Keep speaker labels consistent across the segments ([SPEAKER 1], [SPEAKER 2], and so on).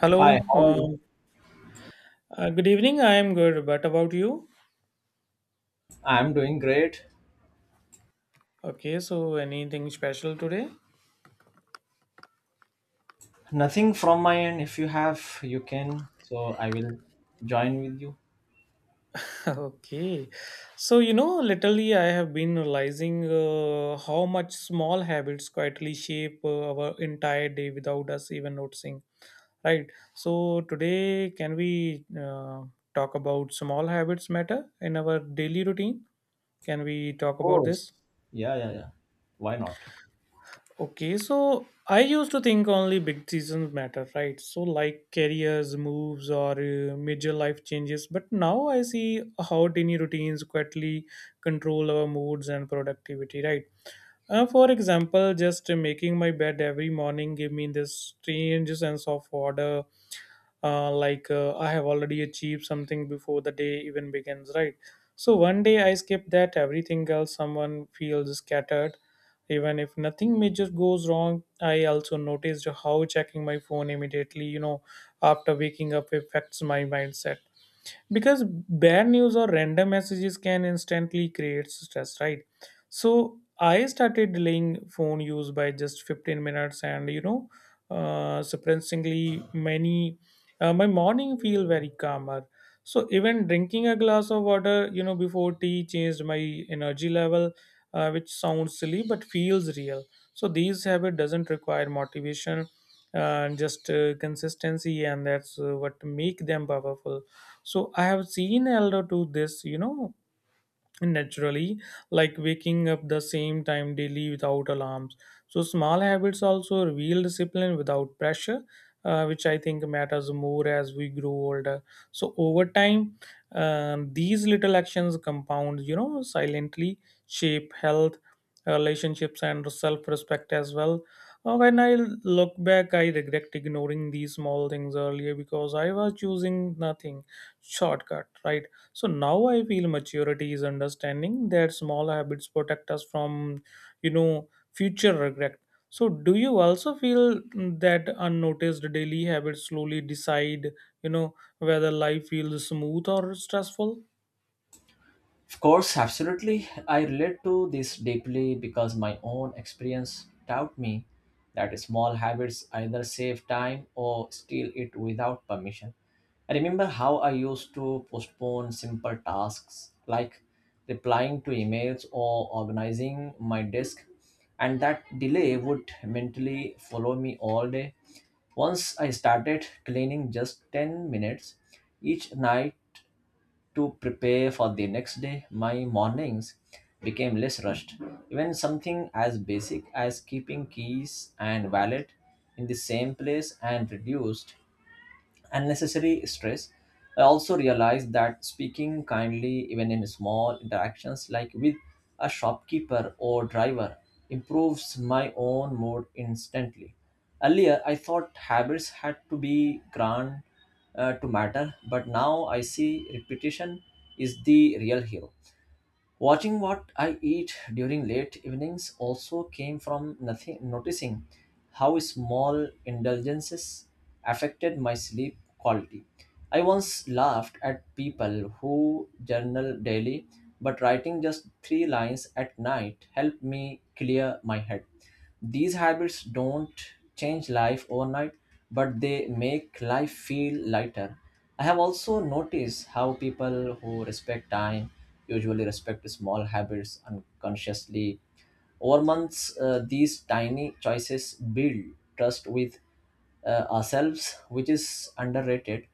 [SPEAKER 1] Hello,
[SPEAKER 2] Hi, how are you?
[SPEAKER 1] um, good evening. I am good, but about you?
[SPEAKER 2] I'm doing great.
[SPEAKER 1] Okay, so anything special today?
[SPEAKER 2] Nothing from my end. If you have, you can. So I will join with you.
[SPEAKER 1] Okay, so literally, I have been realizing how much small habits quietly shape our entire day without us even noticing, right? So today, can we talk about small habits matter in our daily routine? Can we
[SPEAKER 2] Of
[SPEAKER 1] talk about
[SPEAKER 2] course.
[SPEAKER 1] this?
[SPEAKER 2] Yeah, yeah, yeah. Why not?
[SPEAKER 1] Okay, so I used to think only big decisions matter, right? So like careers, moves, or major life changes. But now I see how tiny routines quietly control our moods and productivity, right? For example, just making my bed every morning gave me this strange sense of order, like I have already achieved something before the day even begins, right? So one day I skip that, everything else someone feels scattered, even if nothing major goes wrong. I also noticed how checking my phone immediately, after waking up affects my mindset, because bad news or random messages can instantly create stress, right? So I started delaying phone use by just 15 minutes, and surprisingly, many, my morning feel very calmer. So even drinking a glass of water, before tea changed my energy level, which sounds silly but feels real. So these habit doesn't require motivation, and just consistency, and that's what make them powerful. So I have seen elder do this, naturally, like waking up the same time daily without alarms. So small habits also reveal discipline without pressure, which I think matters more as we grow older. So over time, these little actions compound, silently shape health, relationships and self-respect as well. When I look back, I regret ignoring these small things earlier because I was choosing nothing shortcut, right? So now I feel maturity is understanding that small habits protect us from, you know, future regret. So do you also feel that unnoticed daily habits slowly decide, you know, whether life feels smooth or stressful?
[SPEAKER 2] Of course, absolutely. I relate to this deeply because my own experience taught me that small habits either save time or steal it without permission. I remember how I used to postpone simple tasks like replying to emails or organizing my desk, and that delay would mentally follow me all day. Once I started cleaning just 10 minutes each night to prepare for the next day, my mornings became less rushed. Even something as basic as keeping keys and wallet in the same place and reduced unnecessary stress. I also realized that speaking kindly, even in small interactions like with a shopkeeper or driver, improves my own mood instantly. Earlier, I thought habits had to be grand to matter, but now I see repetition is the real hero. Watching what I eat during late evenings also came from nothing noticing how small indulgences affected my sleep quality. I once laughed at people who journal daily, but writing just three lines at night helped me clear my head. These habits don't change life overnight, but they make life feel lighter. I have also noticed how people who respect time usually respect small habits unconsciously. Over months, these tiny choices build trust with ourselves, which is underrated.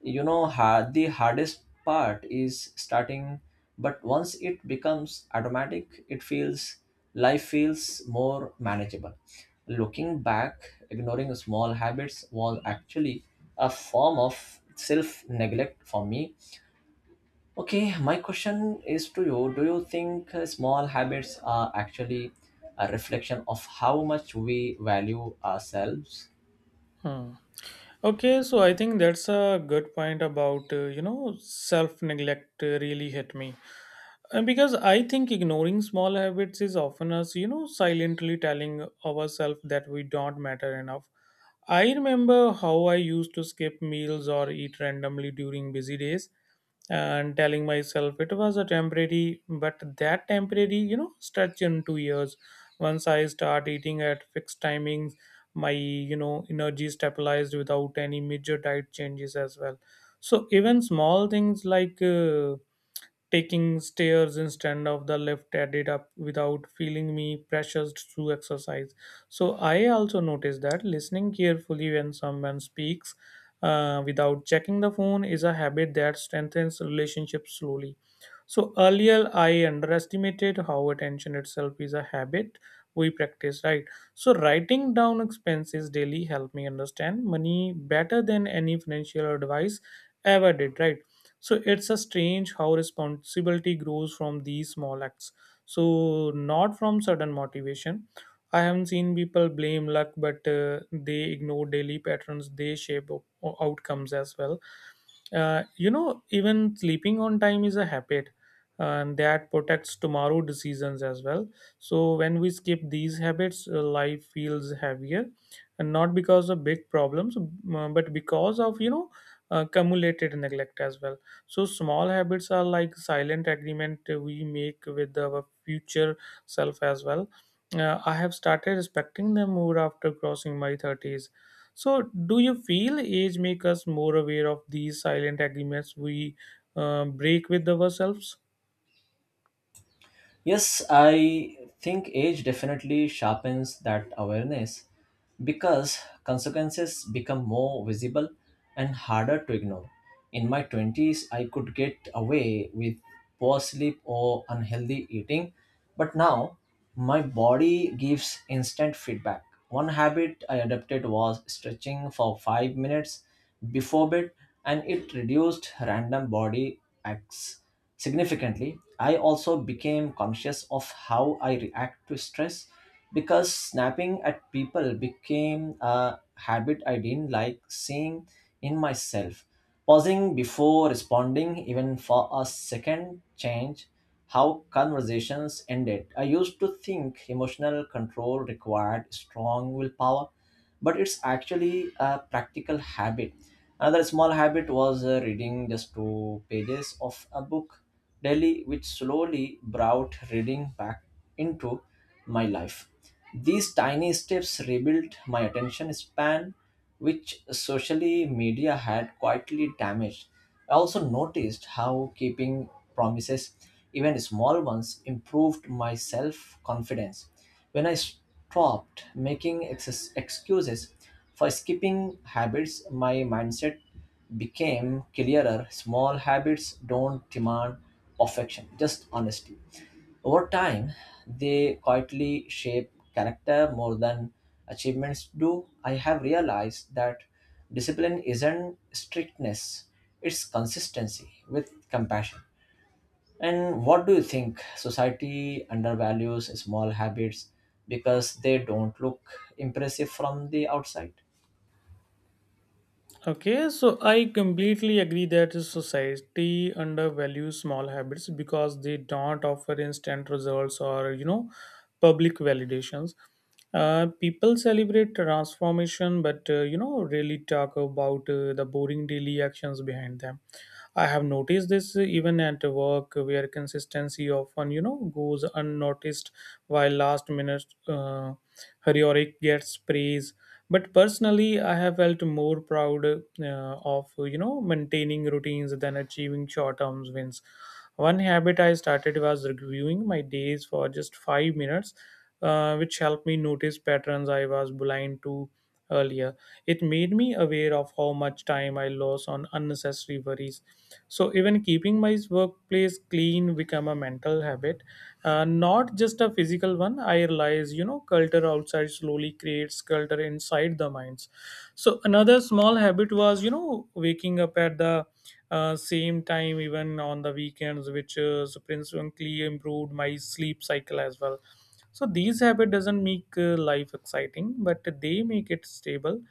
[SPEAKER 2] The hardest part is starting, but once it becomes automatic, it feels life feels more manageable. Looking back, ignoring small habits was actually a form of self neglect for me. Okay, my question is to you: do you think small habits are actually a reflection of how much we value ourselves?
[SPEAKER 1] Hmm. Okay, so I think that's a good point about, self neglect really hit me. And because I think ignoring small habits is often us, you know, silently telling ourselves that we don't matter enough. I remember how I used to skip meals or eat randomly during busy days and telling myself it was a temporary, but that temporary, stretch into years. Once I start eating at fixed timings, my, energy stabilized without any major diet changes as well. So even small things like taking stairs instead of the lift added up without feeling me pressured through exercise. So I also noticed that listening carefully when someone speaks, without checking the phone is a habit that strengthens relationships slowly. So earlier, I underestimated how attention itself is a habit we practice, right? So writing down expenses daily helped me understand money better than any financial advice ever did, right? So it's a strange how responsibility grows from these small acts. So not from sudden motivation. I haven't seen people blame luck, but they ignore daily patterns. They shape outcomes as well. Even sleeping on time is a habit, and that protects tomorrow decisions as well. So when we skip these habits, life feels heavier, and not because of big problems, but because of, accumulated neglect as well. So small habits are like silent agreement we make with our future self as well. I have started respecting them more after crossing my 30s. So do you feel age make us more aware of these silent agreements we break with ourselves?
[SPEAKER 2] Yes, I think age definitely sharpens that awareness because consequences become more visible and harder to ignore. In my 20s, I could get away with poor sleep or unhealthy eating, but now my body gives instant feedback. One habit I adopted was stretching for 5 minutes before bed, and it reduced random body acts significantly. I also became conscious of how I react to stress because snapping at people became a habit I didn't like seeing in myself. Pausing before responding, even for a second, changed how conversations ended. I used to think emotional control required strong willpower, but it's actually a practical habit. Another small habit was reading just two pages of a book Delhi, which slowly brought reading back into my life. These tiny steps rebuilt my attention span, which socially media had quietly damaged. I also noticed how keeping promises, even small ones, improved my self confidence. When I stopped making excuses for skipping habits, my mindset became clearer. Small habits don't demand perfection, just honesty. Over time, they quietly shape character more than achievements do. I have realized that discipline isn't strictness, it's consistency with compassion. And what do you think? Society undervalues small habits because they don't look impressive from the outside?
[SPEAKER 1] Okay, so I completely agree that society undervalues small habits because they don't offer instant results or, public validations. People celebrate transformation, but really talk about the boring daily actions behind them. I have noticed this even at work, where consistency often, goes unnoticed, while last minute heroic gets praise. But personally, I have felt more proud, of maintaining routines than achieving short term wins. One habit I started was reviewing my days for just 5 minutes, which helped me notice patterns I was blind to earlier. It made me aware of how much time I lost on unnecessary worries. So even keeping my workplace clean become a mental habit, not just a physical one. I realize, culture outside slowly creates culture inside the minds. So another small habit was, waking up at the same time even on the weekends, which significantly improved my sleep cycle as well. So these habit doesn't make life exciting, but they make it stable,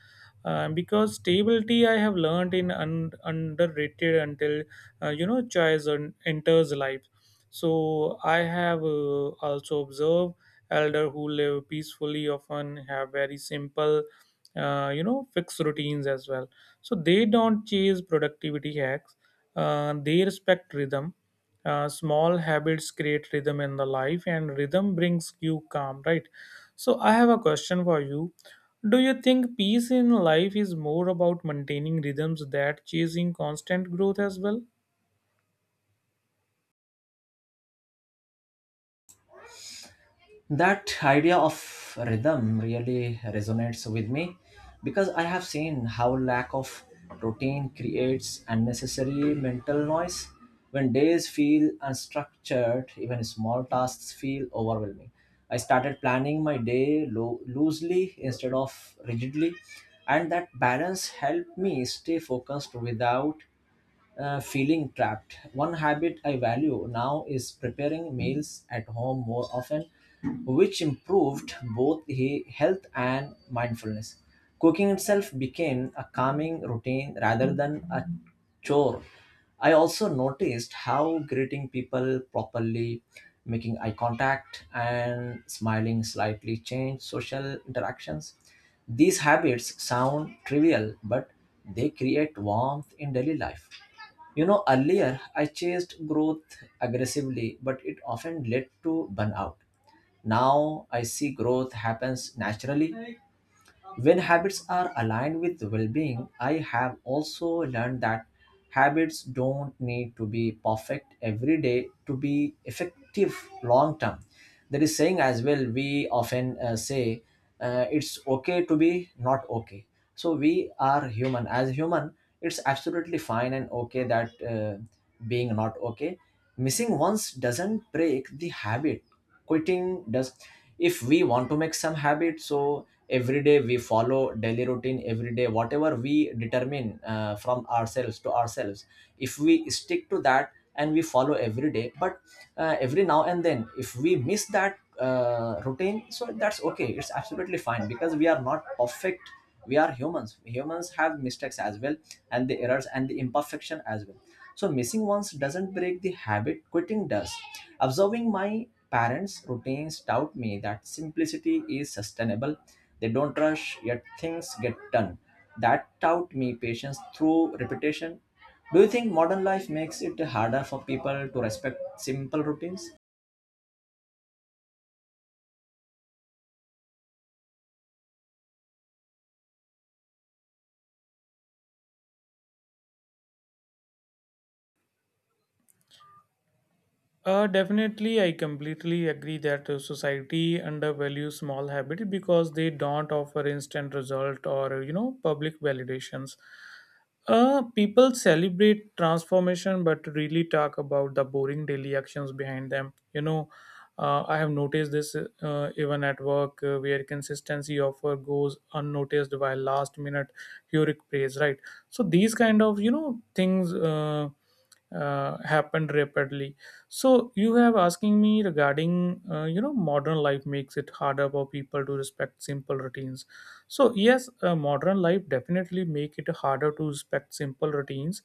[SPEAKER 1] because stability I have learned in underrated until choice enters life. So I have also observed elder who live peacefully often have very simple, fixed routines as well. So they don't chase productivity hacks, they respect rhythm. Small habits create rhythm in the life, and rhythm brings you calm, right? So I have a question for you. Do you think peace in life is more about maintaining rhythms that chasing constant growth as well?
[SPEAKER 2] That idea of rhythm really resonates with me because I have seen how lack of routine creates unnecessary mental noise. When days feel unstructured, even small tasks feel overwhelming. I started planning my day loosely instead of rigidly, and that balance helped me stay focused without feeling trapped. One habit I value now is preparing meals at home more often, which improved both health and mindfulness. Cooking itself became a calming routine rather than a chore. I also noticed how greeting people properly, making eye contact, and smiling slightly changed social interactions. These habits sound trivial, but they create warmth in daily life. You know, earlier I chased growth aggressively, but it often led to burnout. Now I see growth happens naturally when habits are aligned with well being. I have also learned that habits don't need to be perfect every day to be effective long term. There is saying as well, we often say it's okay to be not okay. So we are human. As human, it's absolutely fine and okay that being not okay. Missing once doesn't break the habit, quitting does. If we want to make some habit, so every day we follow daily routine, every day whatever we determine from ourselves to ourselves, if we stick to that and we follow every day, but every now and then if we miss that routine, so that's okay, it's absolutely fine because we are not perfect. We are humans, humans have mistakes as well, and the errors and the imperfection as well. So missing once doesn't break the habit, quitting does. Observing my parents routines taught me that simplicity is sustainable. They don't rush yet things get done. That taught me patience through repetition. Do you think modern life makes it harder for people to respect simple routines?
[SPEAKER 1] Definitely, I completely agree that society undervalues small habits because they don't offer instant result or, public validations. People celebrate transformation but really talk about the boring daily actions behind them. I have noticed this even at work, where consistency offer goes unnoticed while last minute heroic praise, right? So these kind of, things happened rapidly. So you have asking me regarding, modern life makes it harder for people to respect simple routines. So yes, modern life definitely make it harder to respect simple routines,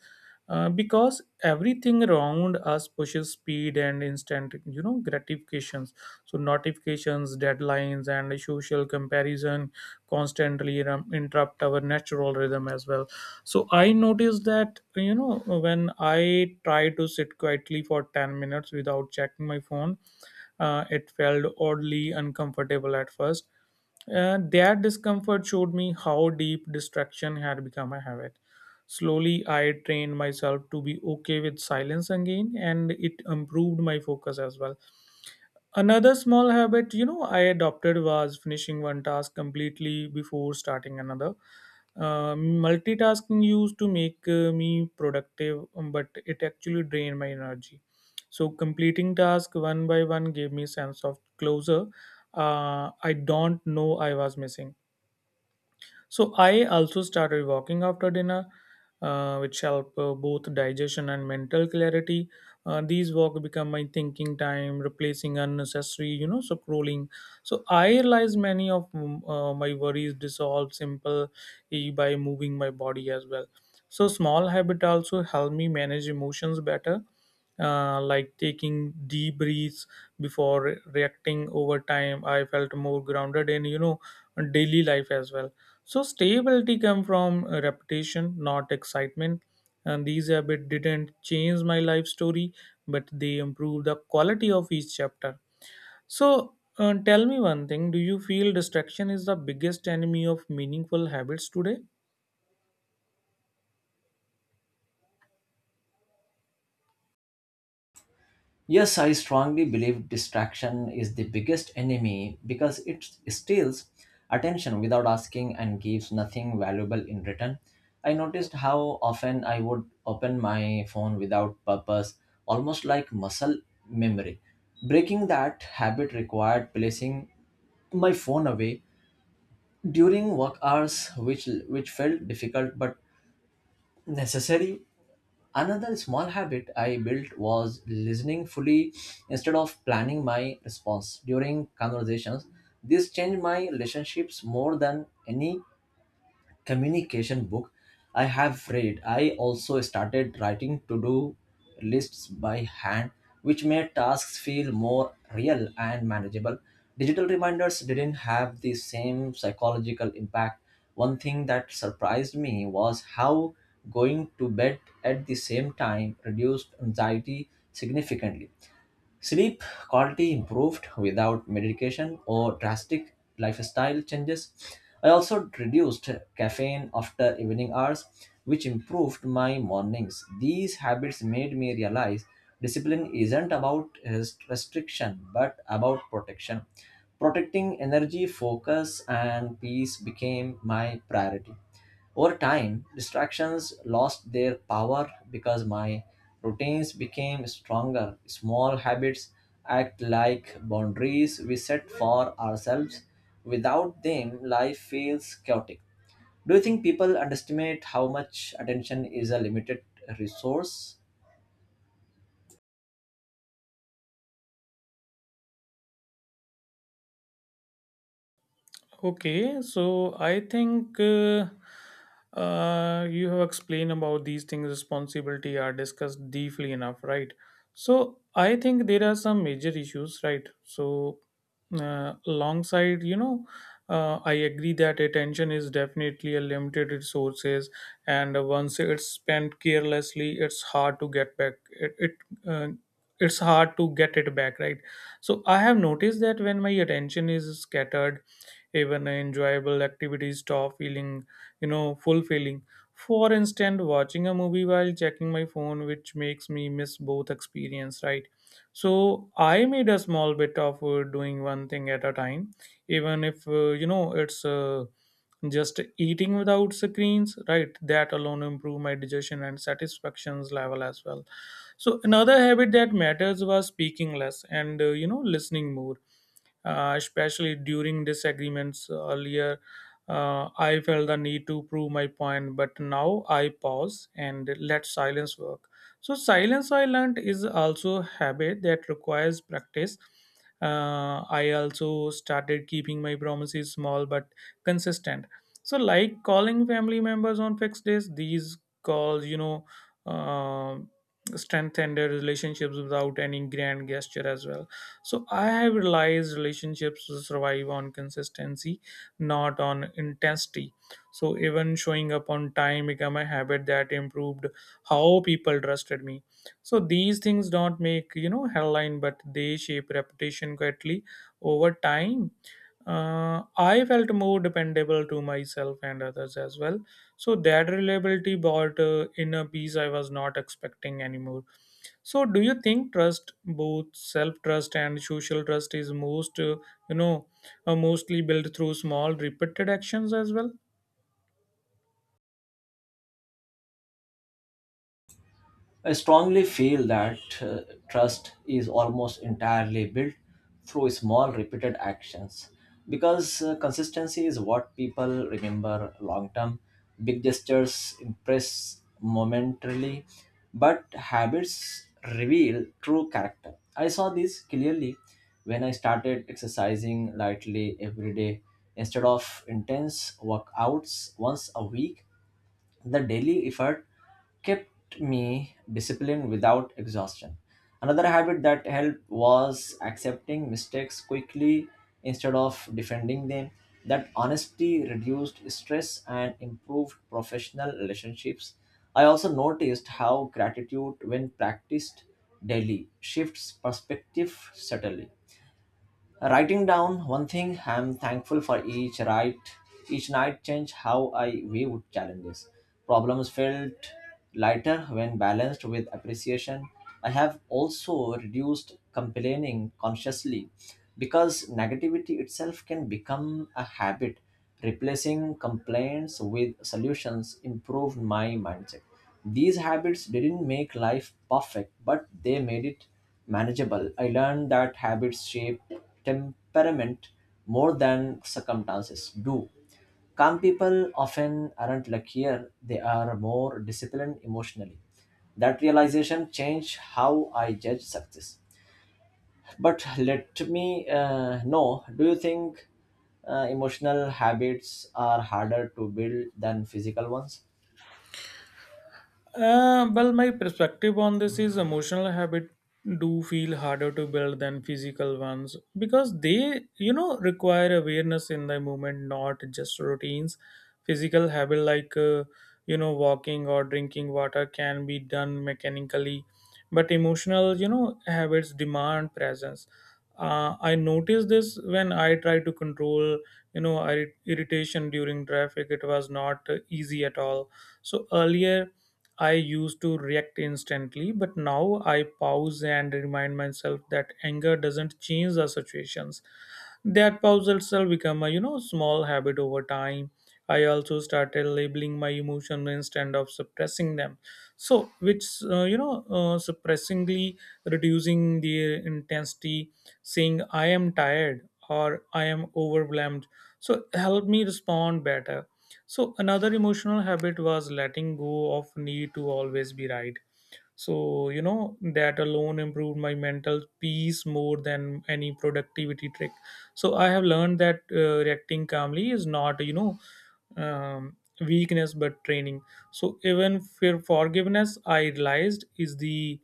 [SPEAKER 1] because everything around us pushes speed and instant, gratifications. So notifications, deadlines, and social comparison constantly interrupt our natural rhythm as well. So I noticed that, when I try to sit quietly for 10 minutes without checking my phone, it felt oddly uncomfortable at first. That discomfort showed me how deep distraction had become a habit. Slowly, I trained myself to be okay with silence again, and it improved my focus as well. Another small habit, I adopted was finishing one task completely before starting another. Multitasking used to make me productive, but it actually drained my energy. So completing task one by one gave me sense of closure. I don't know I was missing. So I also started walking after dinner, which help both digestion and mental clarity. These walk become my thinking time, replacing unnecessary, you know, scrolling. So I realize many of my worries dissolve simple by moving my body as well. So small habit also help me manage emotions better, like taking deep breaths before reacting. Over time, I felt more grounded and, daily life as well. So stability come from repetition, not excitement. And these habits didn't change my life story, but they improve the quality of each chapter. So tell me one thing: do you feel distraction is the biggest enemy of meaningful habits today?
[SPEAKER 2] Yes, I strongly believe distraction is the biggest enemy because it steals attention without asking and gives nothing valuable in return. I noticed how often I would open my phone without purpose, almost like muscle memory. Breaking that habit required placing my phone away during work hours, which felt difficult but necessary. Another small habit I built was listening fully instead of planning my response during conversations. This changed my relationships more than any communication book I have read. I also started writing to do lists by hand, which made tasks feel more real and manageable. Digital reminders didn't have the same psychological impact. One thing that surprised me was how going to bed at the same time reduced anxiety significantly. Sleep quality improved without medication or drastic lifestyle changes. I also reduced caffeine after evening hours, which improved my mornings. These habits made me realize discipline isn't about restriction but about protection. Protecting energy, focus, and peace became my priority. Over time, distractions lost their power because my routines became stronger. Small habits act like boundaries we set for ourselves. Without them, life feels chaotic. Do you think people underestimate how much attention is a limited resource?
[SPEAKER 1] Okay, so I think you have explained about these things. Responsibility are discussed deeply enough, right? So I think there are some major issues, right? So alongside, I agree that attention is definitely a limited resources, and once it's spent carelessly, it's hard to get back. Uh, it's hard to get it back, right? So I have noticed that when my attention is scattered, even enjoyable activities stop feeling, fulfilling. For instance, watching a movie while checking my phone, which makes me miss both experience, right? So I made a small bit of doing one thing at a time, even if it's, just eating without screens, right? That alone improve my digestion and satisfactions level as well. So another habit that matters was speaking less and, listening more, especially during disagreements earlier. I felt the need to prove my point, but now I pause and let silence work. So silence, I learned, is also a habit that requires practice. I also started keeping my promises small but consistent. So, like calling family members on fixed days, these calls, uh, strengthen their relationships without any grand gesture as well. So I have realized relationships survive on consistency, not on intensity. So even showing up on time become a habit that improved how people trusted me. So these things don't make headline, but they shape reputation quietly over time. I felt more dependable to myself and others as well. So that reliability brought inner peace I was not expecting anymore. So do you think trust, both self trust and social trust, is most you know mostly built through small repeated actions as well?
[SPEAKER 2] I strongly feel that trust is almost entirely built through small repeated actions because consistency is what people remember long term. Big gestures impress momentarily, but habits reveal true character. I saw this clearly when I started exercising lightly every day instead of intense workouts once a week. The daily effort kept me disciplined without exhaustion. Another habit that helped was accepting mistakes quickly instead of defending them. That honesty reduced stress and improved professional relationships. I also noticed how gratitude, when practiced daily, shifts perspective subtly. Writing down one thing I'm thankful for each night changed how I viewed challenges. Problems felt lighter when balanced with appreciation. I have also reduced complaining consciously because negativity itself can become a habit. Replacing complaints with solutions improved my mindset. These habits didn't make life perfect, but they made it manageable. I learned that habits shape temperament more than circumstances do. Calm people often aren't luckier, they are more disciplined emotionally. That realization changed how I judge success. But let me know, do you think emotional habits are harder to build than physical ones?
[SPEAKER 1] Well, my perspective on this is emotional habit do feel harder to build than physical ones because they, you know, require awareness in the moment, not just routines. Physical habit like, you know, walking or drinking water can be done mechanically, but emotional, you know, habits demand presence. I noticed this when I tried to control, you know, irritation during traffic. It was not easy at all. So earlier I used to react instantly, but now I pause and remind myself that anger doesn't change the situations. That pause itself become a you know small habit over time. I also started labeling my emotions instead of suppressing them, so which surprisingly reducing their intensity. Saying I am tired or I am overwhelmed, so help me respond better. So another emotional habit was letting go of need to always be right. So, you know, that alone improved my mental peace more than any productivity trick. So, I have learned that reacting calmly is not, you know, weakness but training. So, even for forgiveness, I realized is the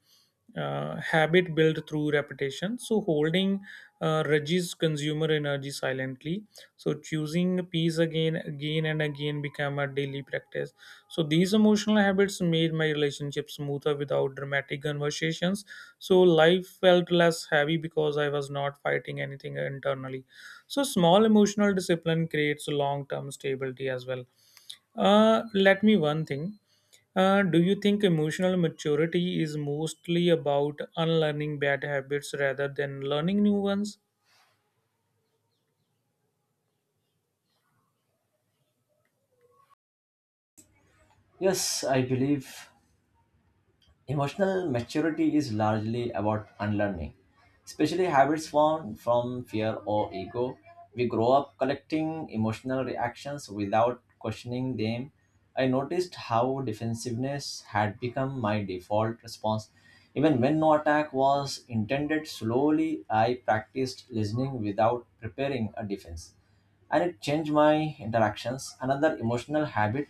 [SPEAKER 1] habit built through repetition. So, holding reduces consumer energy silently. So, choosing peace again, again, and again become a daily practice. So these emotional habits made my relationship smoother without dramatic conversations. So life felt less heavy because I was not fighting anything internally. So small emotional discipline creates long-term stability as well. Let me one thing. Do you think emotional maturity is mostly about unlearning bad habits rather than learning new ones?
[SPEAKER 2] Yes, I believe emotional maturity is largely about unlearning, especially habits formed from fear or ego. We grow up collecting emotional reactions without questioning them. I noticed how defensiveness had become my default response. Even when no attack was intended, slowly I practiced listening without preparing a defense, and it changed my interactions. Another emotional habit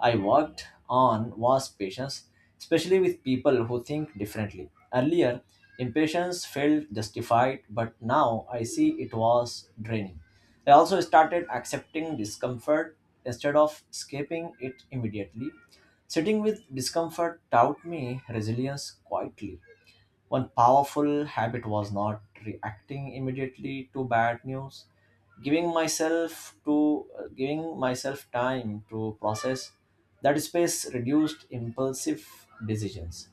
[SPEAKER 2] I worked on was patience, especially with people who think differently. Earlier, impatience felt justified, but now I see it was draining. I also started accepting discomfort instead of escaping it immediately. Sitting with discomfort taught me resilience quietly. One powerful habit was not reacting immediately to bad news, giving myself to giving myself time to process. That space reduced impulsive decisions.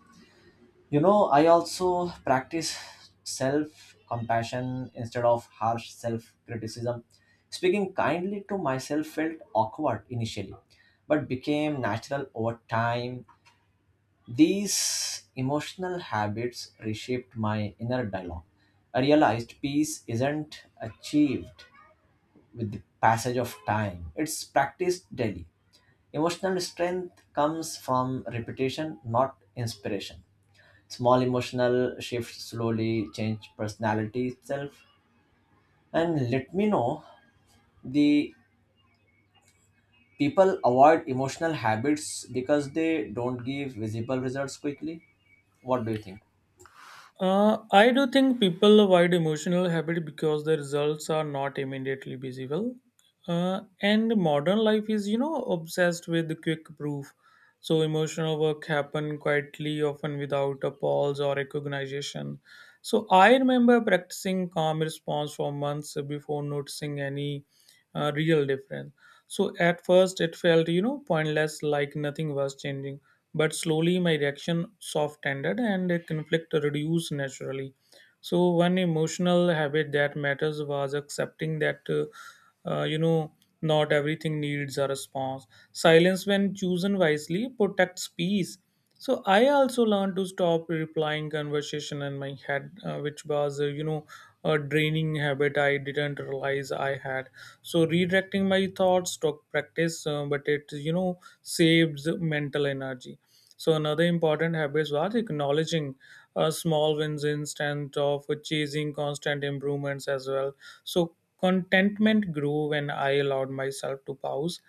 [SPEAKER 2] You know, I also practice self compassion instead of harsh self criticism. Speaking kindly to myself felt awkward initially, but became natural over time. These emotional habits reshaped my inner dialogue. I realized peace isn't achieved with the passage of time, it's practiced daily. Emotional strength comes from repetition, not inspiration. Small emotional shifts slowly change personality itself. And let me know, the people avoid emotional habits because they don't give visible results quickly. What do you think?
[SPEAKER 1] I do think people avoid emotional habit because the results are not immediately visible. And modern life is, you know, obsessed with quick proof. So emotional work happen quietly, often without a pause or recognition. So I remember practicing calm response for months before noticing any real difference. So at first it felt, you know, pointless, like nothing was changing, but slowly my reaction soft ended and the conflict reduced naturally. So one emotional habit that matters was accepting that uh, you know not everything needs a response. Silence when chosen wisely protects peace. So I also learned to stop replying conversation in my head, which was a draining habit I didn't realize I had. So redirecting my thoughts took practice, but it you know saves mental energy. So another important habit was acknowledging small wins instead of chasing constant improvements as well. So contentment grew when I allowed myself to pause.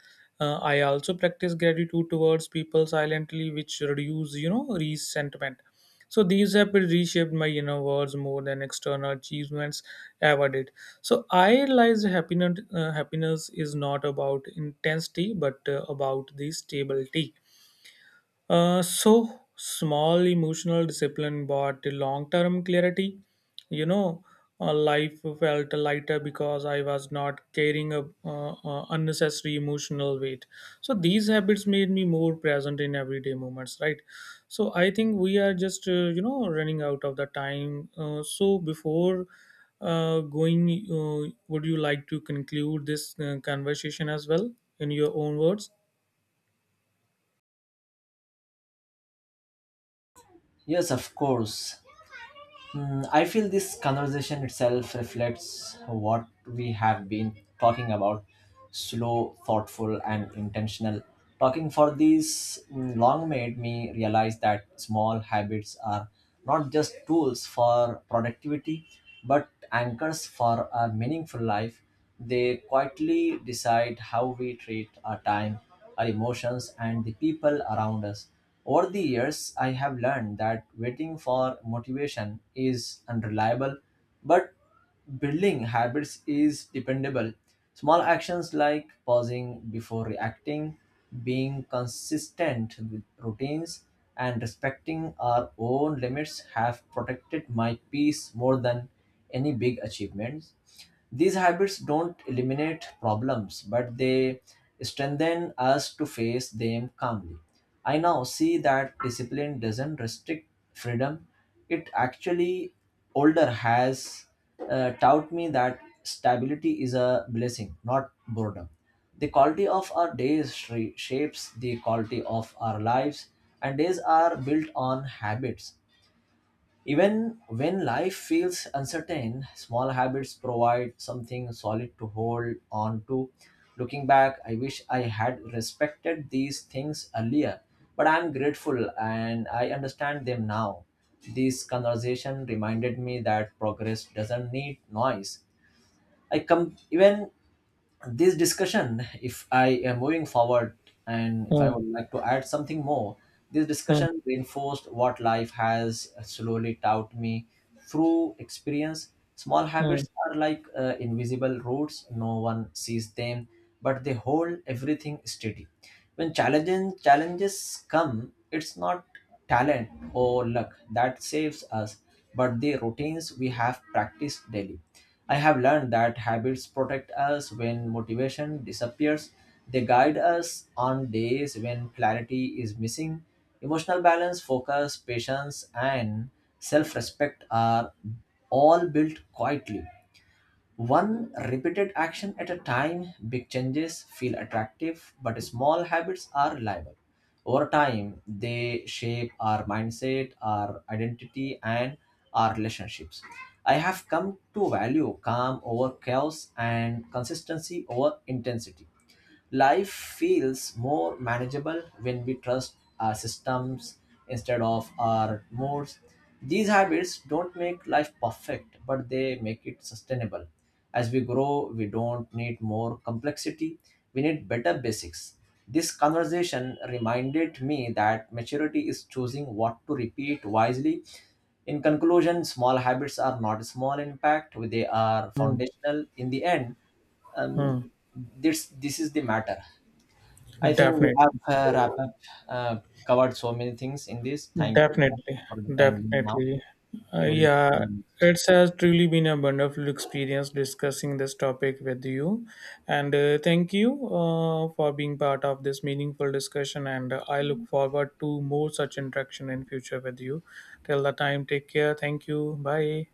[SPEAKER 1] I also practice gratitude towards people silently, which reduce you know resentment. So these have reshaped my inner worlds more than external achievements ever did. So I realized happiness, happiness is not about intensity, but about the stability. So small emotional discipline but long term clarity. You know, life felt lighter because I was not carrying a unnecessary emotional weight. So these habits made me more present in everyday moments, right? So I think we are just running out of the time. So before going, would you like to conclude this conversation as well in your own words?
[SPEAKER 2] Yes, of course. Mm, I feel this conversation itself reflects what we have been talking about: slow, thoughtful, and intentional. Talking for these mm, long made me realize that small habits are not just tools for productivity but anchors for a meaningful life. They quietly decide how we treat our time, our emotions, and the people around us. Over the years, I have learned that waiting for motivation is unreliable, but building habits is dependable. Small actions like pausing before reacting, being consistent with routines, and respecting our own limits have protected my peace more than any big achievements. These habits don't eliminate problems, but they strengthen us to face them calmly. I now see that discipline doesn't restrict freedom. It actually, older has taught me that stability is a blessing, not boredom. The quality of our days shapes the quality of our lives, and days are built on habits. Even when life feels uncertain, small habits provide something solid to hold on to. Looking back, I wish I had respected these things earlier, but I'm grateful and I understand them now. This conversation reminded me that progress doesn't need noise. Even this discussion, if I am moving forward and if I
[SPEAKER 1] Hmm.
[SPEAKER 2] would like to add something more, this
[SPEAKER 1] Hmm.
[SPEAKER 2] discussion reinforced what life has slowly taught me through experience. Small habits
[SPEAKER 1] Hmm.
[SPEAKER 2] are like invisible roots, no one sees them, but they hold everything steady. When challenges come, it's not talent or luck that saves us, but the routines we have practiced daily. I have learned that habits protect us when motivation disappears. They guide us on days when clarity is missing. Emotional balance, focus, patience, and self respect are all built quietly. One repeated action at a time, big changes feel attractive, but small habits are reliable. Over time, they shape our mindset, our identity, and our relationships. I have come to value calm over chaos and consistency over intensity. Life feels more manageable when we trust our systems instead of our moods. These habits don't make life perfect, but they make it sustainable. As we grow, we don't need more complexity, we need better basics. This conversation reminded me that maturity is choosing what to repeat wisely. In conclusion, small habits are not small impact, they are foundational. In the end, um,
[SPEAKER 1] Hmm.
[SPEAKER 2] this is the matter. I think we
[SPEAKER 1] Definitely,
[SPEAKER 2] have wrap up, uh, covered so many things in this. Thank you
[SPEAKER 1] definitely,
[SPEAKER 2] for the time being now.
[SPEAKER 1] definitely.
[SPEAKER 2] We will see
[SPEAKER 1] Yeah,
[SPEAKER 2] you next
[SPEAKER 1] it has truly been a wonderful experience discussing this topic with you. And thank you for being part of this meaningful discussion. And I look forward to more such interaction in future with you. Till the time, take care. Thank you. Bye.